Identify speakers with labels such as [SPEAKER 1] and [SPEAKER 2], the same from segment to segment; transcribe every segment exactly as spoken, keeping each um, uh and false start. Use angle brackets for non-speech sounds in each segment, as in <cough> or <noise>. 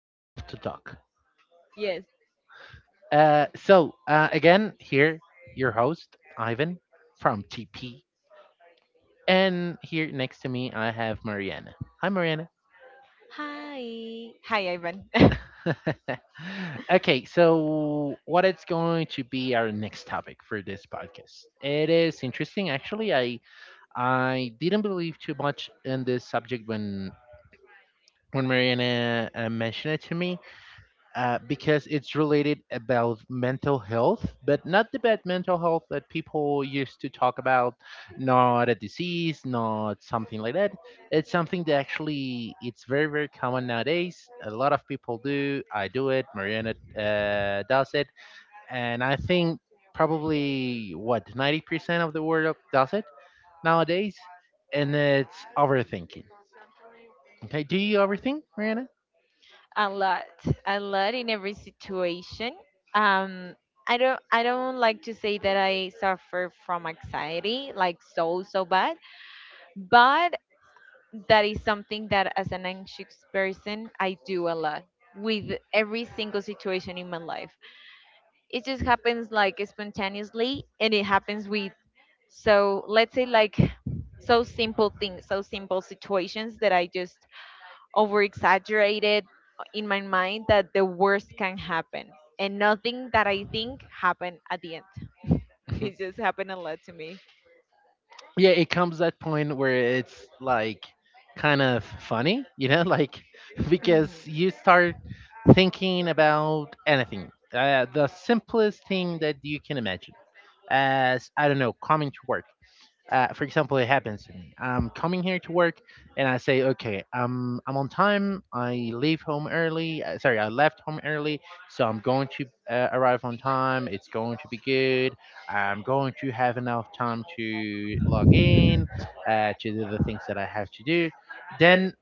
[SPEAKER 1] we love to talk.
[SPEAKER 2] Yes.
[SPEAKER 1] Uh, so uh, again, here your host Ivan from T P, and here next to me I have Mariana. Hi, Mariana.
[SPEAKER 2] Hi. Hi, Ivan. <laughs>
[SPEAKER 1] <laughs> okay, so what it's going to be our next topic for this podcast? It is interesting, actually. I I didn't believe too much in this subject when when Mariana uh, mentioned it to me, uh, because it's related about mental health, but not the bad mental health that people used to talk about, not a disease, not something like that. It's something that actually it's very very common nowadays. A lot of people do. I do it. Mariana uh, does it, and I think probably what ninety percent of the world does it nowadays, and it's overthinking. Okay, do you overthink, Mariana?
[SPEAKER 2] A lot. A lot in every situation. Um I don't I don't like to say that I suffer from anxiety like so so bad, but that is something that as an anxious person I do a lot with every single situation in my life. It just happens like spontaneously, and it happens with so, let's say, like so simple things, so simple situations that I just over exaggerated in
[SPEAKER 1] <laughs>
[SPEAKER 2] my mind that the worst can happen. And nothing that I think happened at the end.
[SPEAKER 1] Mhm.
[SPEAKER 2] It just happened a lot to me.
[SPEAKER 1] yeah it comes that point where it's like kind of funny you know like <laughs> because
[SPEAKER 2] Mhm.
[SPEAKER 1] you start thinking about anything uh, the simplest thing that you can imagine as I don't know, coming to work, uh, for example. It happens to me. I'm coming here to work, and I say, okay, I'm I'm on time. I leave home early. uh, Sorry, I left home early, so I'm going to uh, arrive on time. It's going to be good. I'm going to have enough time to log in, uh, to do the things that I have to do. Then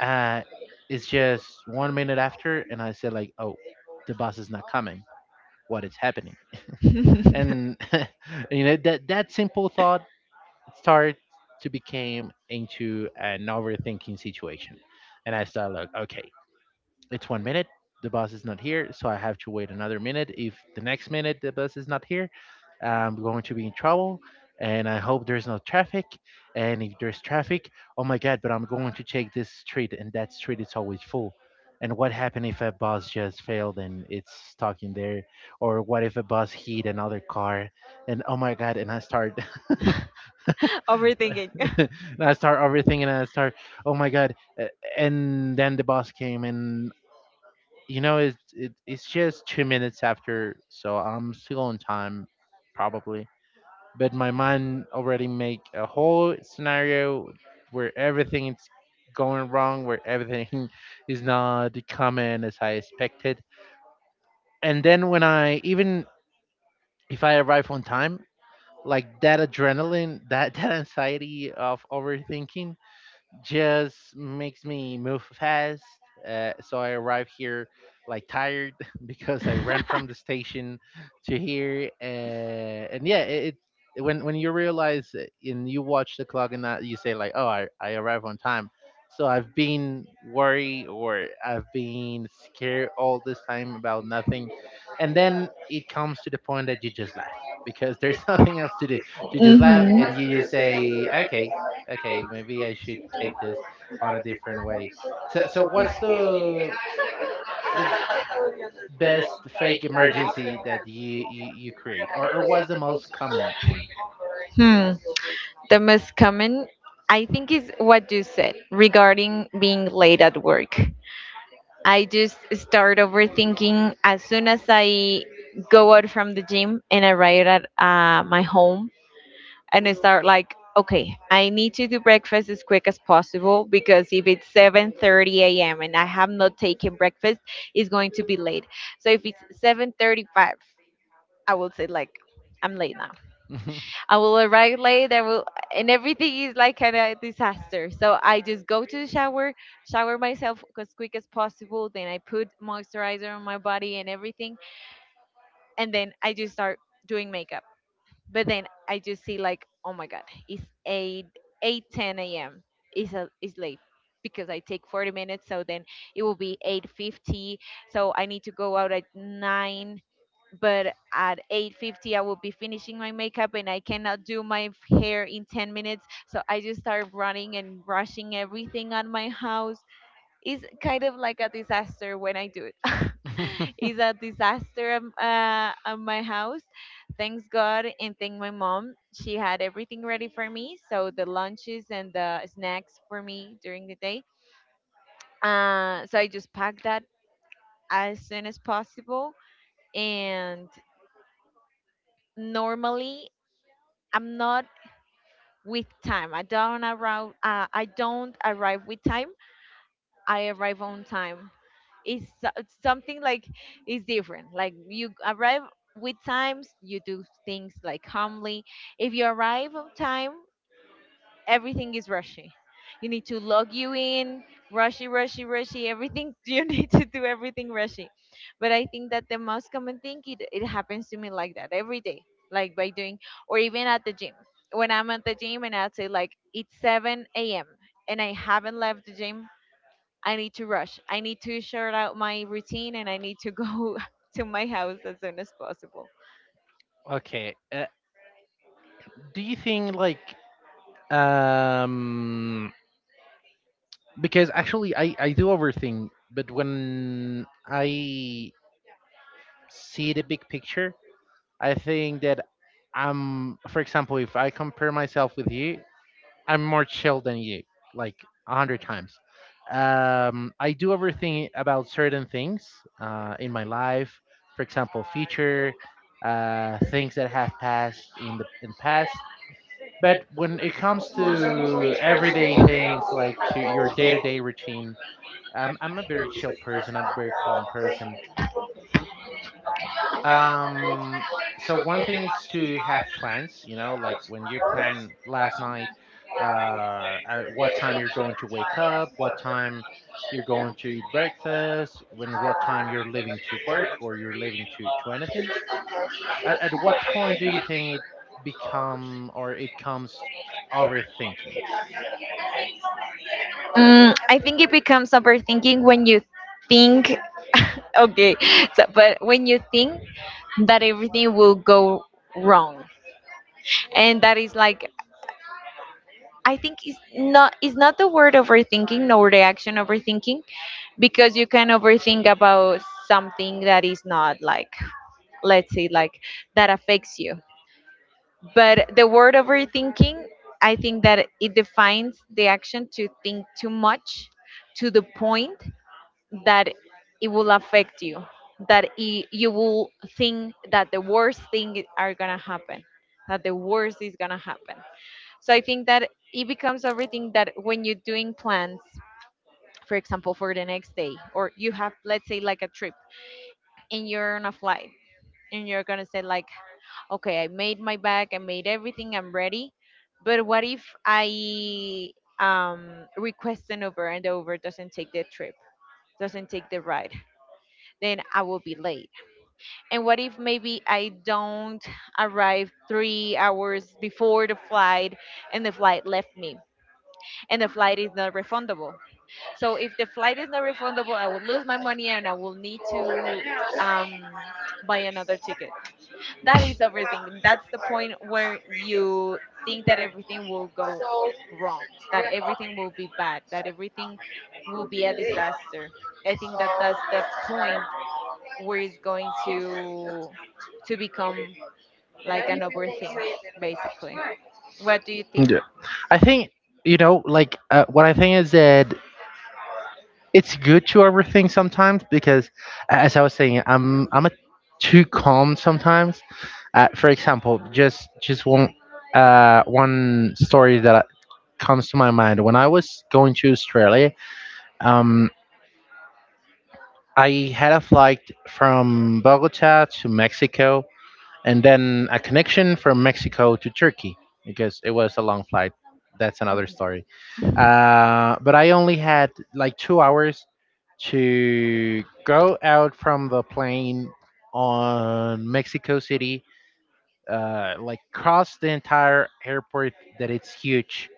[SPEAKER 1] uh, it's just one minute after, and I say like, oh, the bus is not coming. What is happening?
[SPEAKER 2] <laughs>
[SPEAKER 1] And <laughs> you know that that simple thought start to became into an overthinking situation. And I start like, okay, it's one minute, the bus is not here, so I have to wait another minute. If the next minute the bus is not here, I'm going to be in trouble. And I hope there's no traffic. And if there's traffic, oh my god, but I'm going to take this street and that street is always full. And what happened if a bus just failed and it's stuck in there? Or what if a bus hit another car? And oh my god, and I start
[SPEAKER 2] Overthinking.
[SPEAKER 1] <laughs> and I start everything, and I start, oh my god! uh, And then the boss came, and you know, it, it it's just two minutes after, so I'm still on time, probably. But my mind already make a whole scenario where everything is going wrong, where everything <laughs> is not coming as I expected. And then when I even if I arrive on time, like that adrenaline, that <laughs> that anxiety of overthinking just makes me move fast. Uh, so I arrive here like tired <laughs> because I ran from the station to here, uh, and yeah, it, it when when you realize it
[SPEAKER 2] <laughs>
[SPEAKER 1] and you watch the clock and that you say like, oh, I I arrive on time. So I've been worried or I've been scared all this time about nothing, and then it comes to the point that you just laugh because there's <laughs> nothing else to do. You just laugh and you just say, okay, okay, maybe I should take this on a different way. So, so what's the the best fake emergency that you you, you create, or or what's the most common one?
[SPEAKER 2] Hmm. The most common, I think, is what you said regarding being late at work. I just start overthinking as soon as I go out from the gym and arrive at uh, my home. And I start like, okay, I need to do breakfast as quick as possible, because if it's seven thirty a m and I have not taken breakfast, it's going to be late. So if it's seven thirty-five, I will say like I'm late now.
[SPEAKER 1] <laughs>
[SPEAKER 2] I will arrive late. I will, and everything is like kind of a disaster. So I just go to the shower, shower myself as quick as possible. Then I put moisturizer on my body and everything, and then I just start doing makeup, but then I just see like, oh my god, it's 8 eight ten a m. It's a, it's late because I take forty minutes, so then it will be eight fifty. So I need to go out at nine, but at eight fifty I will be finishing my makeup and I cannot do my hair in ten minutes. So I just start running and brushing everything on my house. It's kind of like a disaster when I do it. <laughs> It's a disaster um, uh, at my house. Thanks God, and thank my mom. She had everything ready for me, so the lunches and the snacks for me during the day. Uh, so I just pack that as soon as possible. And normally, I'm not with time. I don't arrive. Uh, I don't arrive with time. I arrive on time. It's so- it's something like it's different. Like you arrive with times, you do things like calmly. If you arrive on time, everything is rushy. You need to log you in, rushy, rushy, rushy, everything. <laughs> You need to do everything rushy. But I think that the most common thing, it, it happens to me like that every day, like by doing, or even at the gym, when I'm at the gym and I say like it's seven a.m. and I haven't left the gym, I need to rush. I need to sort out my routine and I need to go <laughs> to my house as soon as possible.
[SPEAKER 1] okay, uh, do you think like um because actually I I do overthink, but when I see the big picture, I think that I'm for example, if I compare myself with you, I'm more chill than you, like a hundred times. Um, I do overthink about certain things uh, in my life. For example, future uh, things that have passed in the in past. But when it comes to everyday things, like to your day-to-day routine, um, I'm a very chill person. I'm a very calm person. Um, so one thing is to have plans, you know, like when you plan last night, uh, at what time you're going to wake up, what time you're going to eat breakfast, when what time you're leaving to work or you're leaving to to anything. At, at what point do you think it become or it comes overthinking?
[SPEAKER 2] Mm, I think it becomes overthinking when you think, <laughs> okay, so, but when you think that everything will go wrong. And that is like, I think it's not, it's not the word overthinking nor the action overthinking, because you can overthink about something that is not like, let's say, like that affects you. But the word overthinking, I think that it defines the action to think too much, to the point that it will affect you, that i- you will think that the worst thing are gonna happen, that the worst is gonna happen. So I think that it becomes everything, that when you're doing plans, for example, for the next day, or you have, let's say, like a trip, and you're on a flight, and you're gonna say like, okay, I made my bag, I made everything, I'm ready. But what if I um, request an Uber and the Uber doesn't take the trip, doesn't take the ride? Then I will be late. And what if maybe I don't arrive three hours before the flight, and the flight left me, and the flight is not refundable? So if the flight is not refundable, I will lose my money and I will need to um, buy another ticket. That is overthinking. That's the point where you think that everything will go wrong, that everything will be bad, that everything will be a disaster. I think that that's the point where it's going to to become like an overthink, basically. What do you think?
[SPEAKER 1] Yeah. I think you know, like uh, what I think is that it's good to overthink sometimes because a- as I was saying I'm I'm a too calm sometimes, uh, for example. Just just one uh one story that I- comes to my mind, when I was going to Australia. um I had a flight from Bogota to Mexico and then a connection from Mexico to Turkey because it was a long flight. That's another story. Uh, but I only had like two hours to go out from the plane on Mexico City, uh, like cross the entire airport that it's huge,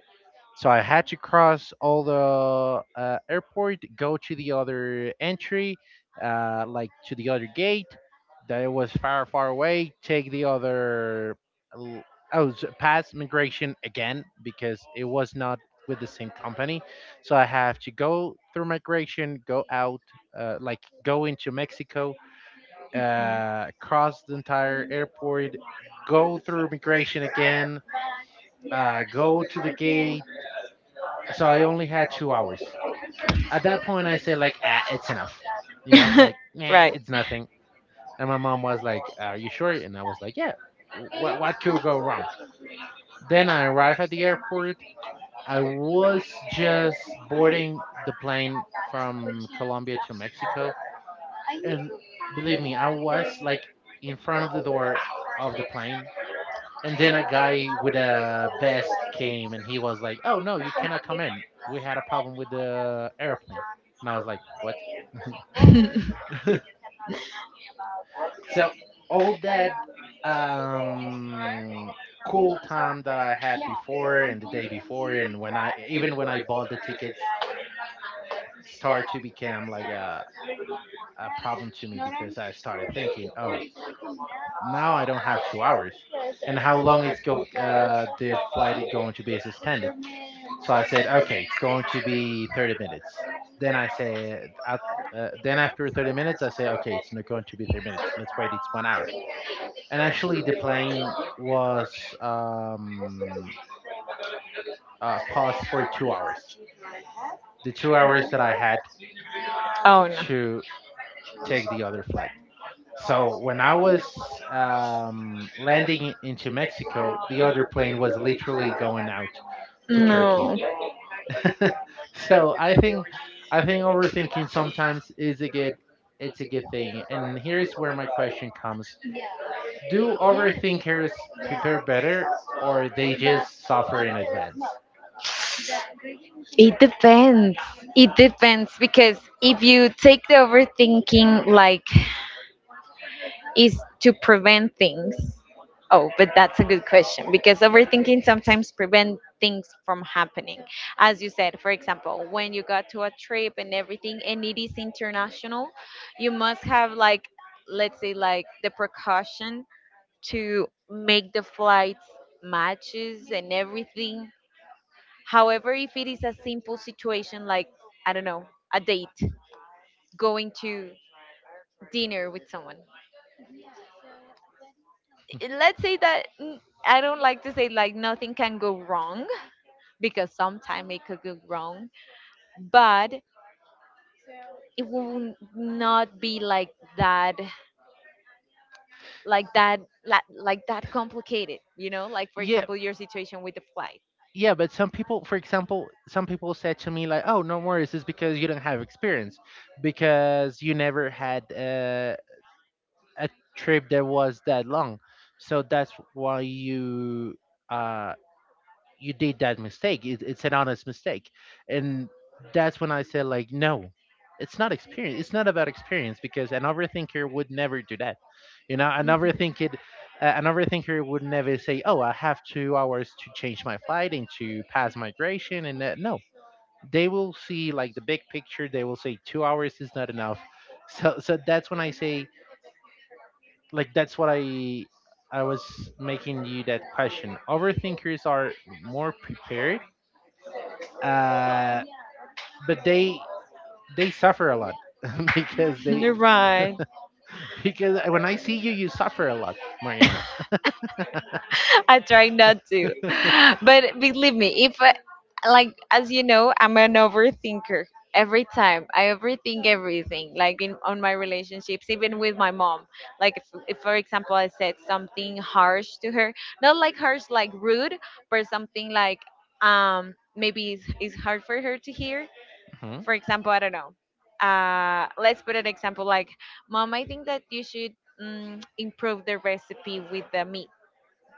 [SPEAKER 1] so I had to cross all the uh, airport, go to the other entry, uh, like to the other gate that it was far, far away, take the other, l- oh, s- pass migration again because it was not with the same company. So I have to go through migration, go out, uh, like go into Mexico, uh, cross the entire airport, go through migration again, uh, go to the gate, so I only had two hours. At that point, I said like, ah, it's enough. You know, like,
[SPEAKER 2] <laughs>
[SPEAKER 1] nah,
[SPEAKER 2] Right.
[SPEAKER 1] it's nothing. And my mom was like, "Are you sure?" And I was like, "Yeah. What what could go wrong?" Then I arrived at the airport. I was just boarding the plane from Colombia to Mexico, and believe me, I was like in front of the door of the plane, and then a guy with a vest came and he was like, "Oh no, you cannot come in. We had a problem with the airplane." And I was like, "What?" <laughs> so all that um cool time that I had before and the day before and when I even when I bought the tickets start to become like a a problem to me, because I started thinking, "Oh, now I don't have two hours." And how long is go uh, the flight is going to be suspended? So I said, okay, it's going to be thirty minutes. Then I said, at, uh, then after thirty minutes, I said, okay, it's not going to be thirty minutes. Let's wait. It's one hour. And actually, the plane was um, uh, paused for two hours. The two hours that I had
[SPEAKER 2] Oh
[SPEAKER 1] to take the other flight. So when I was um, landing into Mexico, the other plane was literally going out to Turkey.
[SPEAKER 2] no. No.
[SPEAKER 1] <laughs> so I think I think overthinking sometimes is a good it's a good thing. And here is where my question comes. Do overthinkers prepare better or they just suffer in advance?
[SPEAKER 2] It depends. It depends because if you take the overthinking like is to prevent things. Oh, but that's a good question, because overthinking sometimes prevent things from happening. As you said, for example, when you got to a trip and everything and it is international, you must have like, let's say, like the precaution to make the flights matches and everything. However, if it is a simple situation like, I don't know, a date, going to dinner with someone, let's say that mm, I don't like to say like nothing can go wrong, because sometimes it could go wrong, but it will not be like that, like that, like, like that complicated, you know? Like for
[SPEAKER 1] Yeah,
[SPEAKER 2] example, your situation with the flight.
[SPEAKER 1] yeah, but some people, for example, some people said to me like, "Oh, no worries, it's because you don't have experience, because you never had uh, a trip that was that long, so that's why you uh, you did that mistake. It, it's an honest mistake, and that's when I said like, no, it's not experience. It's not about experience because an overthinker would never do that. You know, an
[SPEAKER 2] Mhm.
[SPEAKER 1] overthinker, uh, an overthinker would never say, oh, I have two hours to change my flight and to pass migration, and that. No, they will see like the big picture. They will say two hours is not enough. <laughs> So, so that's when I say like that's what I I was making you that question. Overthinkers are more prepared uh, but they they suffer a lot <laughs> because
[SPEAKER 2] <laughs>
[SPEAKER 1] they
[SPEAKER 2] You're right.
[SPEAKER 1] because when I see you, you suffer a lot, Mariana.
[SPEAKER 2] I try not to. <laughs> But believe me, if I- like as you know, I'm an overthinker. Every time I overthink everything, like in on my relationships, even with my mom. Like if, if for example I said something harsh to her, not like harsh like rude, but something like um maybe it's, it's hard for her to hear.
[SPEAKER 1] Mhm.
[SPEAKER 2] For example, I don't know. Uh, let's put an example like, mom, I think that you should mm, improve the recipe with the meat.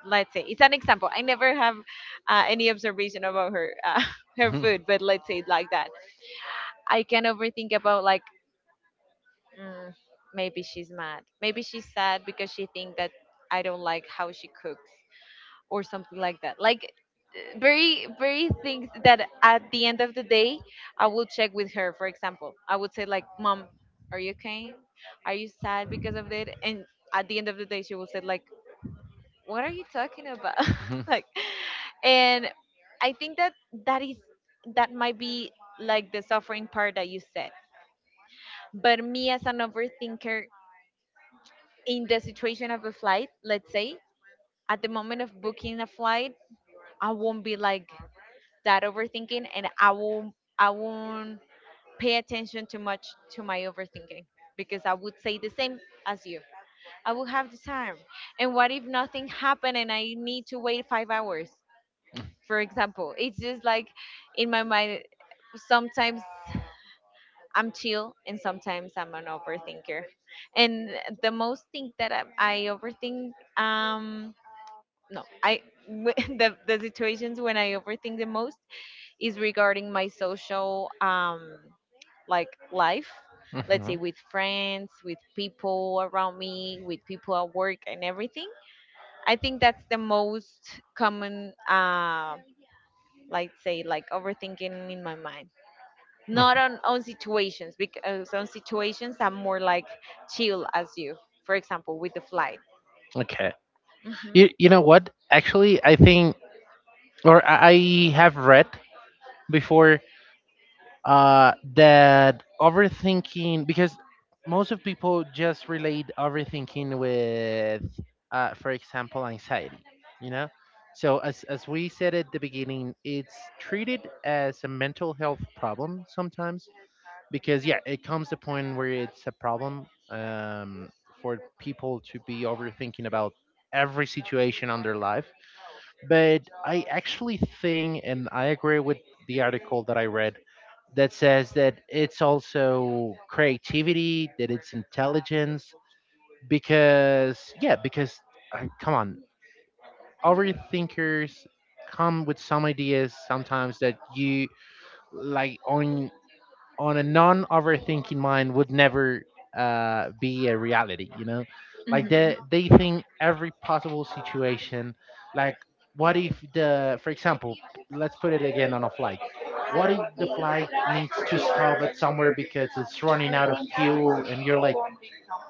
[SPEAKER 2] Let's say it's an example. I never have uh, any observation about her uh, <laughs> her
[SPEAKER 1] Mhm.
[SPEAKER 2] food, but let's say it like that. I can overthink about like, mm, maybe she's mad, maybe she's sad because she think that I don't like how she cooks or something like that, like uh, very very things that at the end of the day I will check with her. For example, I would say like, mom, are you okay, are you sad because of that? And at the end of the day she will say like, what are you talking about?
[SPEAKER 1] Mhm.
[SPEAKER 2] <laughs> Like, and I think that that is, that might be like the suffering part that you said. But me as an overthinker, in the situation of a flight, let's say, at the moment of booking a flight, I won't be like that overthinking, and i won't i won't pay attention too much to my overthinking, because I would say the same as you. I will have the time, and what if nothing happened and I need to wait five hours,
[SPEAKER 1] <laughs>
[SPEAKER 2] for example. It's just like in my mind sometimes I'm chill and sometimes I'm an overthinker. And the most thing that i, I overthink, um no I <laughs> the, the situations when I overthink the most is regarding my social um like life, let's say, with friends, with people around me, with people at work and everything. I think that's the most common uh like say like overthinking in my mind, not on on situations, because on situations I'm more like chill as you. For example, with the flight.
[SPEAKER 1] Okay.
[SPEAKER 2] Hmm.
[SPEAKER 1] You you know what? Actually, I think or I I have read before uh that overthinking because most of people just relate overthinking with uh for example anxiety, you know? So as as we said at the beginning, it's treated as a mental health problem sometimes because yeah it comes to a point where it's a problem, um, for people to be overthinking about every situation on their life. But I actually think and I agree with the article that I read that says that it's also creativity, that it's intelligence, because yeah, because I, come on, overthinkers come with some ideas sometimes that you like on on a non overthinking mind would never uh, be a reality, you know? Like they they think every possible situation, like what if the for example, let's put it again on a flight. What if the flight needs to stop at somewhere because it's running out of fuel and you're like,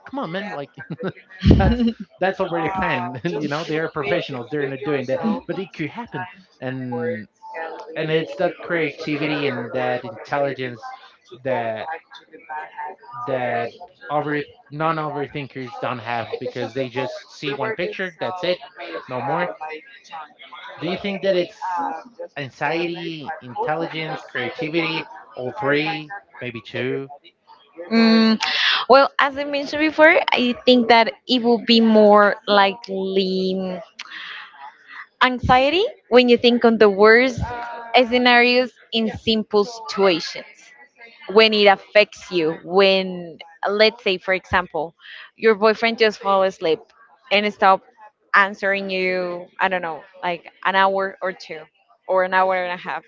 [SPEAKER 1] come on man, like <laughs> that's that's already planned. <laughs> And you know, they're professionals, they're not doing that. But it could happen. And and it's that creativity and that intelligence that that over non-overthinkers don't have because they just see one picture, that's it, no more. Do you think that it's anxiety, intelligence, creativity, all three, maybe two?
[SPEAKER 2] Mm, well, as I mentioned before, I think that it will be more likely mm, anxiety, when you think on the worst scenarios in simple situations, when it affects you, when, let's say, for example, your boyfriend just fall asleep and stop answering you, I don't know, like an hour or two, or an hour and a half,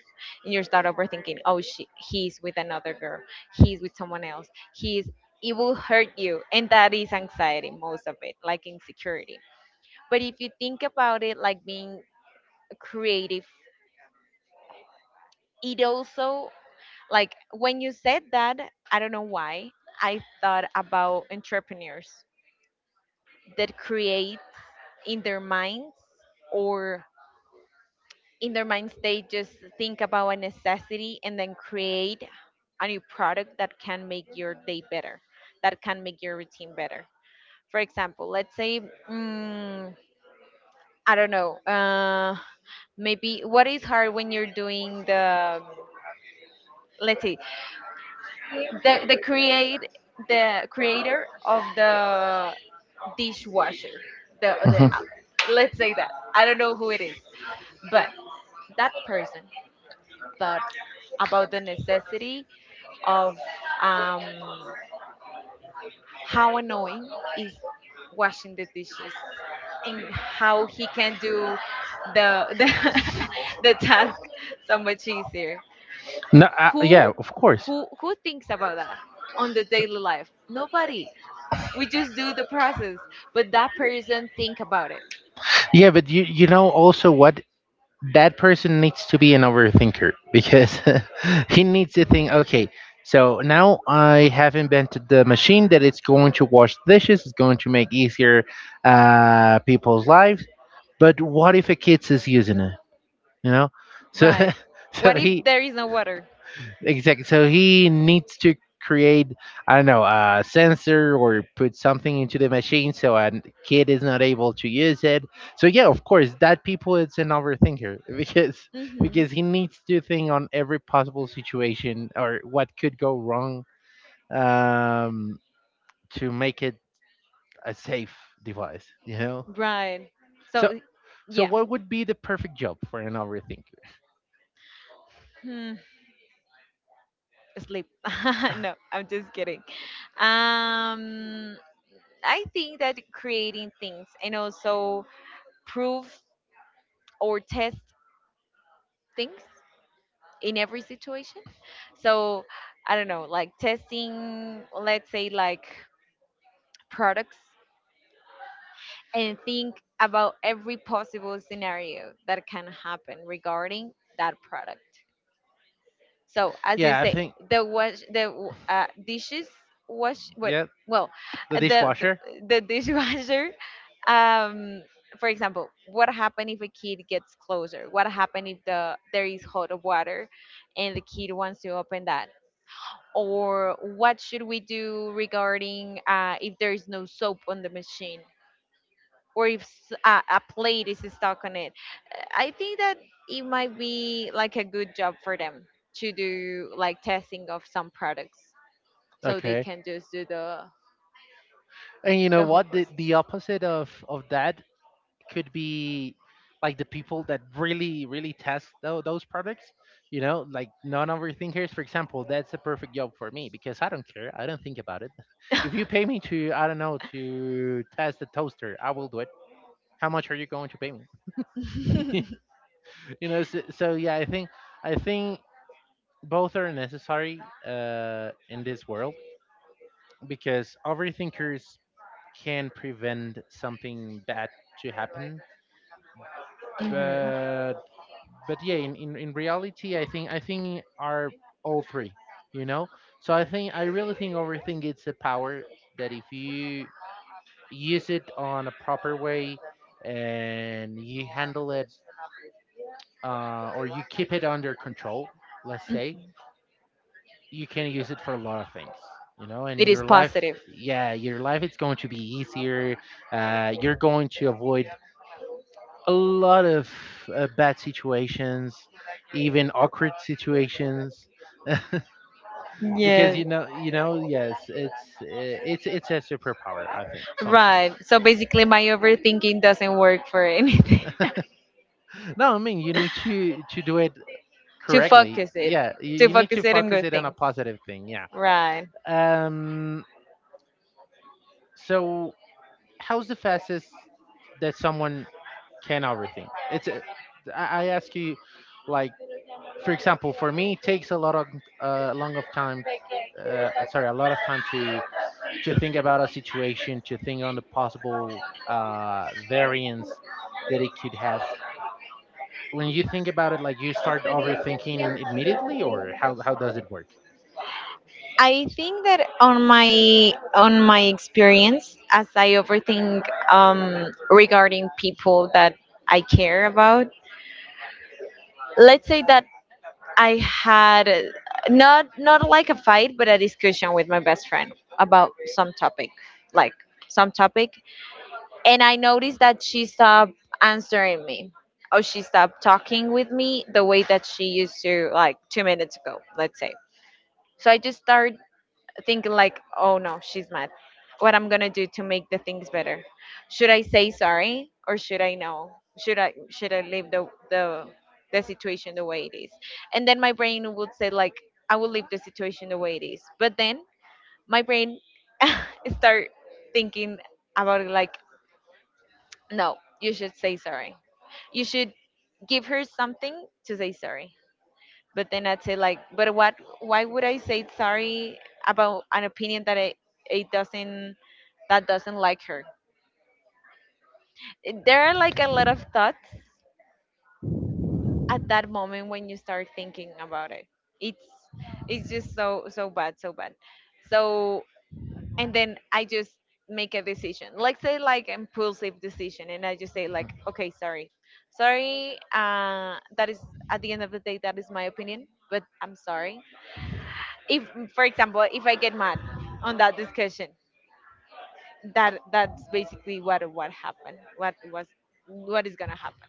[SPEAKER 2] and you start overthinking, oh she, he's with another girl, he's with someone else, he's, it will hurt you. And that is anxiety most of it, like insecurity. But if you think about it like being creative, it also, like when you said that, I don't know why, I thought about entrepreneurs that create in their minds, or in their minds they just think about a necessity and then create a new product that can make your day better, that can make your routine better. For example, let's say, mm, I don't know, uh, maybe what is hard when you're doing the, let's see, the the create the creator of the dishwasher, the the
[SPEAKER 1] Mhm.
[SPEAKER 2] uh, let's say that I don't know who it is, but that person thought about the necessity of um how annoying is washing the dishes, and how he can do the the <laughs> the task so much easier.
[SPEAKER 1] No, uh,
[SPEAKER 2] who
[SPEAKER 1] yeah, of course.
[SPEAKER 2] who who thinks about that on the daily life? Nobody. We just do the process, but that person think about it.
[SPEAKER 1] Yeah, but you you know also what, that person needs to be an overthinker because <laughs> he needs to think, okay, so now I have invented the machine that it's going to wash dishes, it's going to make easier uh, people's lives, but what if a kid is using it, you know? So
[SPEAKER 2] Right.
[SPEAKER 1] <laughs> so
[SPEAKER 2] What if
[SPEAKER 1] he—
[SPEAKER 2] there is no water?
[SPEAKER 1] Exactly. So he needs to create, I don't know, a sensor or put something into the machine so a kid is not able to use it. So yeah, of course, that people is an overthinker <laughs> because
[SPEAKER 2] Hmm.
[SPEAKER 1] because he needs to think on every possible situation or what could go wrong, um, to make it a safe device. You know.
[SPEAKER 2] Right.
[SPEAKER 1] So
[SPEAKER 2] So
[SPEAKER 1] so
[SPEAKER 2] yeah.
[SPEAKER 1] what would be the perfect job for an overthinker?
[SPEAKER 2] Hmm, sleep. <laughs> No,
[SPEAKER 1] <laughs>
[SPEAKER 2] I'm just kidding. Um, I think that creating things, and also prove or test things in every situation. So I don't know, like testing, let's say, like products, and think about every possible scenario that can happen regarding that product. So, as you
[SPEAKER 1] Yeah, I
[SPEAKER 2] say,
[SPEAKER 1] think
[SPEAKER 2] the wash, the w- uh, dishes wash, what,
[SPEAKER 1] yeah,
[SPEAKER 2] well,
[SPEAKER 1] the
[SPEAKER 2] the the,
[SPEAKER 1] dishwasher.
[SPEAKER 2] the <laughs> dishwasher. Um, for example, what happen if a kid gets closer? What happen if the there is hot water, and the kid wants to open that? Or what should we do regarding uh, if there is no soap on the machine? Or if s- a, a plate is stuck on it. I think that it might be like a good job for them to do like testing of some products so they
[SPEAKER 1] Okay.
[SPEAKER 2] can just do the
[SPEAKER 1] And you know
[SPEAKER 2] the whole
[SPEAKER 1] what? The
[SPEAKER 2] process.
[SPEAKER 1] the opposite of of that could be like the people that really really test tho- those products. You know, like non-overthinkers. For example, that's the perfect job for me because I don't care. I don't think about it. <laughs> If you pay me to, I don't know, to test the toaster, I will do it. How much are you going to pay me? <laughs>
[SPEAKER 2] Mhm.
[SPEAKER 1] You know. So, so yeah, I think I think both are necessary uh, in this world because overthinkers can prevent something bad to happen,
[SPEAKER 2] <laughs>
[SPEAKER 1] but but yeah, in, in, in reality, i think i think are all three, you know. So i think i really think overthink it's a power that if you use it on a proper way and you handle it, uh, or you keep it under control, let's say, you can use it for a lot of things, you know.
[SPEAKER 2] It
[SPEAKER 1] And
[SPEAKER 2] is
[SPEAKER 1] your
[SPEAKER 2] positive.
[SPEAKER 1] life, yeah, your life it's going to be easier. Uh, you're going to avoid a lot of uh, bad situations, even awkward situations, <laughs> because
[SPEAKER 2] Yes.
[SPEAKER 1] you know, you know, yes, it's uh, it's it's a superpower, I think
[SPEAKER 2] Right.
[SPEAKER 1] sometimes.
[SPEAKER 2] So basically my overthinking doesn't work for anything. <laughs>
[SPEAKER 1] No, I mean, you need to to do it
[SPEAKER 2] To
[SPEAKER 1] correctly,
[SPEAKER 2] focus it.
[SPEAKER 1] yeah, you,
[SPEAKER 2] To
[SPEAKER 1] you need
[SPEAKER 2] focus
[SPEAKER 1] to
[SPEAKER 2] it on
[SPEAKER 1] focus
[SPEAKER 2] good
[SPEAKER 1] it on a
[SPEAKER 2] things.
[SPEAKER 1] positive thing, yeah.
[SPEAKER 2] Right.
[SPEAKER 1] um so how's the fastest that someone can everything? It's a— I I ask you, like for example, for me, it takes a lot of uh, long of time. Uh, sorry, a lot of time to to think about a situation, to think on the possible uh, variance that it could have. When you think about it, like you start overthinking immediately, or how how does it work?
[SPEAKER 2] I think that on my on my experience, as I overthink um, regarding people that I care about, let's say that I had uh, not not like a fight, but a discussion with my best friend about some topic, like some topic, and I noticed that she stopped answering me, or she stopped talking with me the way that she used to like two minutes ago, let's say. So I just start thinking like, oh no, she's mad. What I'm gonna do to make the things better? Should I say sorry or should I know? Should I should I leave the the the situation the way it is? And then my brain would say like, I will leave the situation the way it is. But then my brain <laughs> start thinking about it like, no, you should say sorry. You should give her something to say sorry, but then I'd say like, but what? Why would I say sorry about an opinion that it, it doesn't that doesn't like her? There are like a lot of thoughts at that moment when you start thinking about it. It's it's just so so bad, so bad. So and then I just make a decision. Like say like impulsive decision and I just say like, okay, sorry. Sorry, uh that is, at the end of the day that is my opinion, but I'm sorry if, for example, if I get mad on that discussion, that that's basically what what happened, what was, what is gonna happen.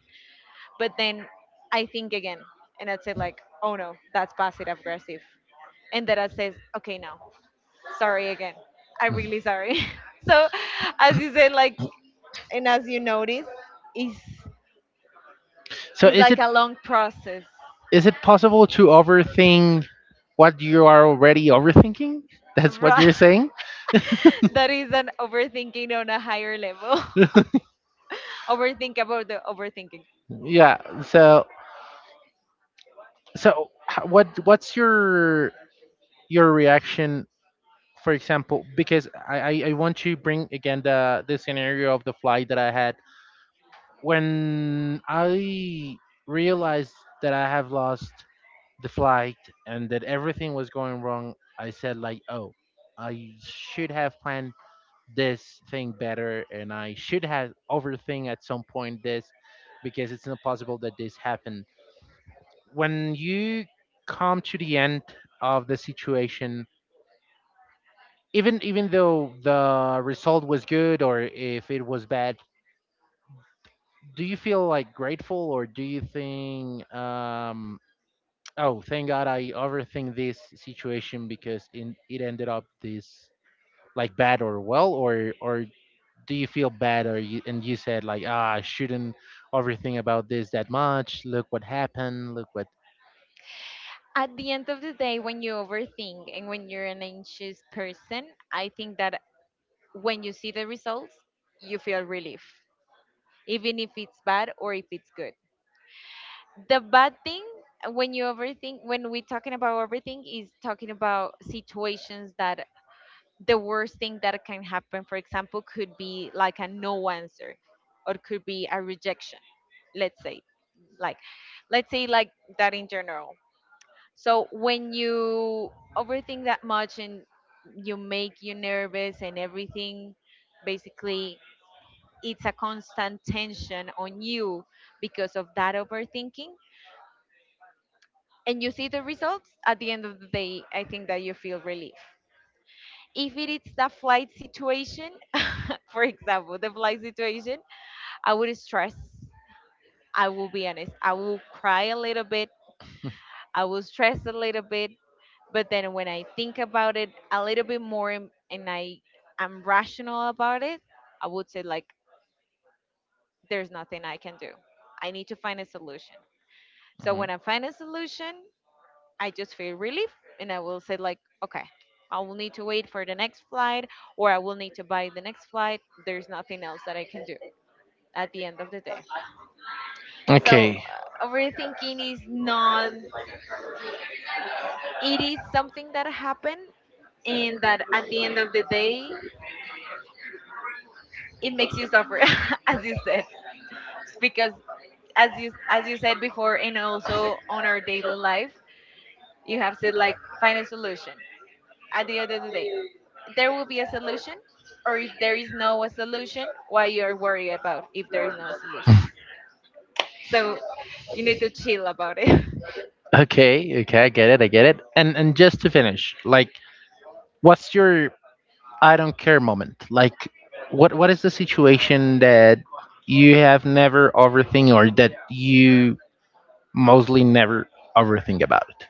[SPEAKER 2] But then I think again and I said like, oh no, that's passive aggressive. And then I says, okay, no, sorry again, I'm really sorry. <laughs> So as you said like, and as you notice, is
[SPEAKER 1] So
[SPEAKER 2] is
[SPEAKER 1] is
[SPEAKER 2] like
[SPEAKER 1] it,
[SPEAKER 2] a long process.
[SPEAKER 1] is it possible to overthink what you are already overthinking? <laughs> That's what
[SPEAKER 2] Right.
[SPEAKER 1] you're saying.
[SPEAKER 2] <laughs> That is an overthinking on a higher level.
[SPEAKER 1] <laughs>
[SPEAKER 2] <laughs> Overthink about the overthinking.
[SPEAKER 1] Yeah. So so h- what what's your your reaction, for example, because I, I, I want to bring again the the scenario of the flight that I had when I realized that I have lost the flight and that everything was going wrong. I said like, oh, I should have planned this thing better, and I should have overthink at some point this because it's not possible that this happened. When you come to the end of the situation, even even though the result was good or if it was bad, do you feel like grateful, or do you think, um oh, thank God I overthink this situation because in, it ended up this like bad or well, or or do you feel bad or you and you said like, ah, I shouldn't overthink about this that much, look what happened, look what—
[SPEAKER 2] At the end of the day when you overthink and when you're an anxious person, I think that when you see the results you feel relief, even if it's bad or if it's good. The bad thing when you overthink, when we're talking about overthink, is talking about situations that the worst thing that can happen, for example, could be like a no answer or could be a rejection. Let's say, like, let's say like, that in general. So when you overthink that much and you make you nervous and everything, basically it's a constant tension on you because of that overthinking. And you see the results at the end of the day, I think that you feel relief. If it is the flight situation, <laughs> for example, the flight situation, I would stress. I will be honest. I will cry a little bit. I will stress a little bit. But then when I think about it a little bit more, and and I am rational about it, I would say like there's nothing I can do. I need to find a solution. So
[SPEAKER 1] Mhm.
[SPEAKER 2] when I find a solution, I just feel relief and I will say like, okay, I will need to wait for the next flight or I will need to buy the next flight. There's nothing else that I can do at the end of the day. So
[SPEAKER 1] Okay.
[SPEAKER 2] uh, overthinking is not, it is something that happened and that at the end of the day it makes you suffer <laughs> as you said, because as you as you said before and also on our daily life, you have said like find a solution. At the end of the day there will be a solution, or if there is no a solution, why you're worried about if there is no solution? So you need to chill about it.
[SPEAKER 1] Okay. Okay. I get it. I get it. And and just to finish, like, what's your I don't care moment? Like, what what is the situation that you have never overthink or that you mostly never overthink about it?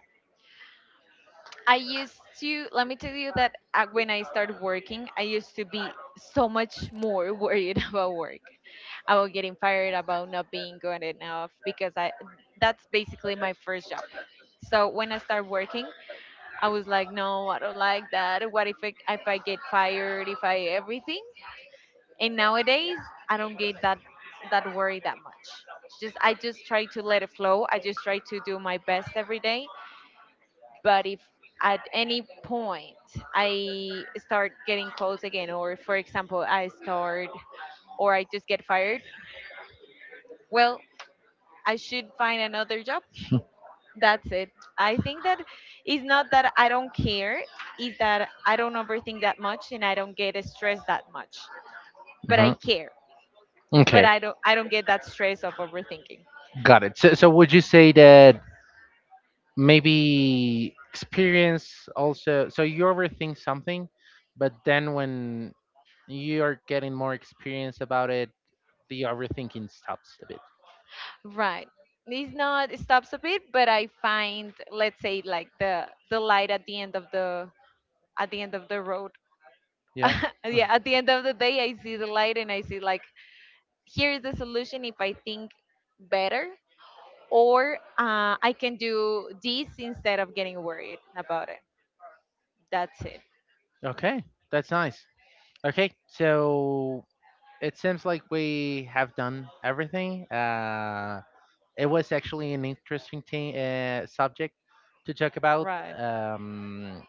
[SPEAKER 2] <laughs> I used to, let me tell you that, uh, when I started working I used to be so much more worried <laughs> about work, about getting fired, about not being good enough, because I, that's basically my first job. So when I start working, I was like, no, I don't like that. What if I, if I get fired? If I everything? And nowadays, I don't get that that worry that much. Just I just try to let it flow. I just try to do my best every day. But if at any point I start getting calls again, or for example, I start, or I just get fired, well, I should find another job. That's it. I think that it's not that I don't care, it's that I don't overthink that much and I don't get stressed that much. But I
[SPEAKER 1] Mhm.
[SPEAKER 2] care.
[SPEAKER 1] Okay,
[SPEAKER 2] But I don't I don't get that stress of overthinking.
[SPEAKER 1] got it. So, so would you say that maybe experience also, so you overthink something but then when you are getting more experience about it, the overthinking stops a bit?
[SPEAKER 2] Right. It's not, it stops a bit, but I find let's say like the the light at the end of the, at the end of the road.
[SPEAKER 1] Yeah.
[SPEAKER 2] <laughs>
[SPEAKER 1] <laughs>
[SPEAKER 2] Yeah, at the end of the day I see the light and I see like here is the solution if I think better, or uh, I can do this instead of getting worried about it. That's it.
[SPEAKER 1] Okay, that's nice. Okay, so it seems like we have done everything, uh it was actually an interesting thing, uh, subject to talk about.
[SPEAKER 2] Right.
[SPEAKER 1] Um,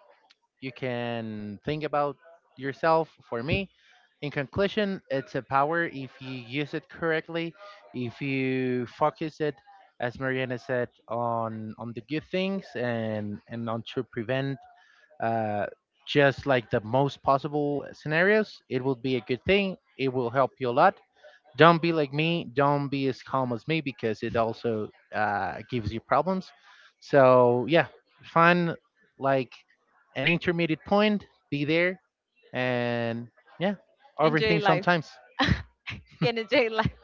[SPEAKER 1] you can think about yourself. For me, in conclusion, it's a power if you use it correctly, if you focus it, as Mariana said, on on the good things, and and on to prevent uh, just like the most possible scenarios. It will be a good thing. It will help you a lot. Don't be like me. Don't be as calm as me because it also uh, gives you problems. So yeah, find like an intermediate point. Be there, and yeah,
[SPEAKER 2] Enjoy
[SPEAKER 1] overthink
[SPEAKER 2] life.
[SPEAKER 1] sometimes.
[SPEAKER 2] <laughs> And enjoy life.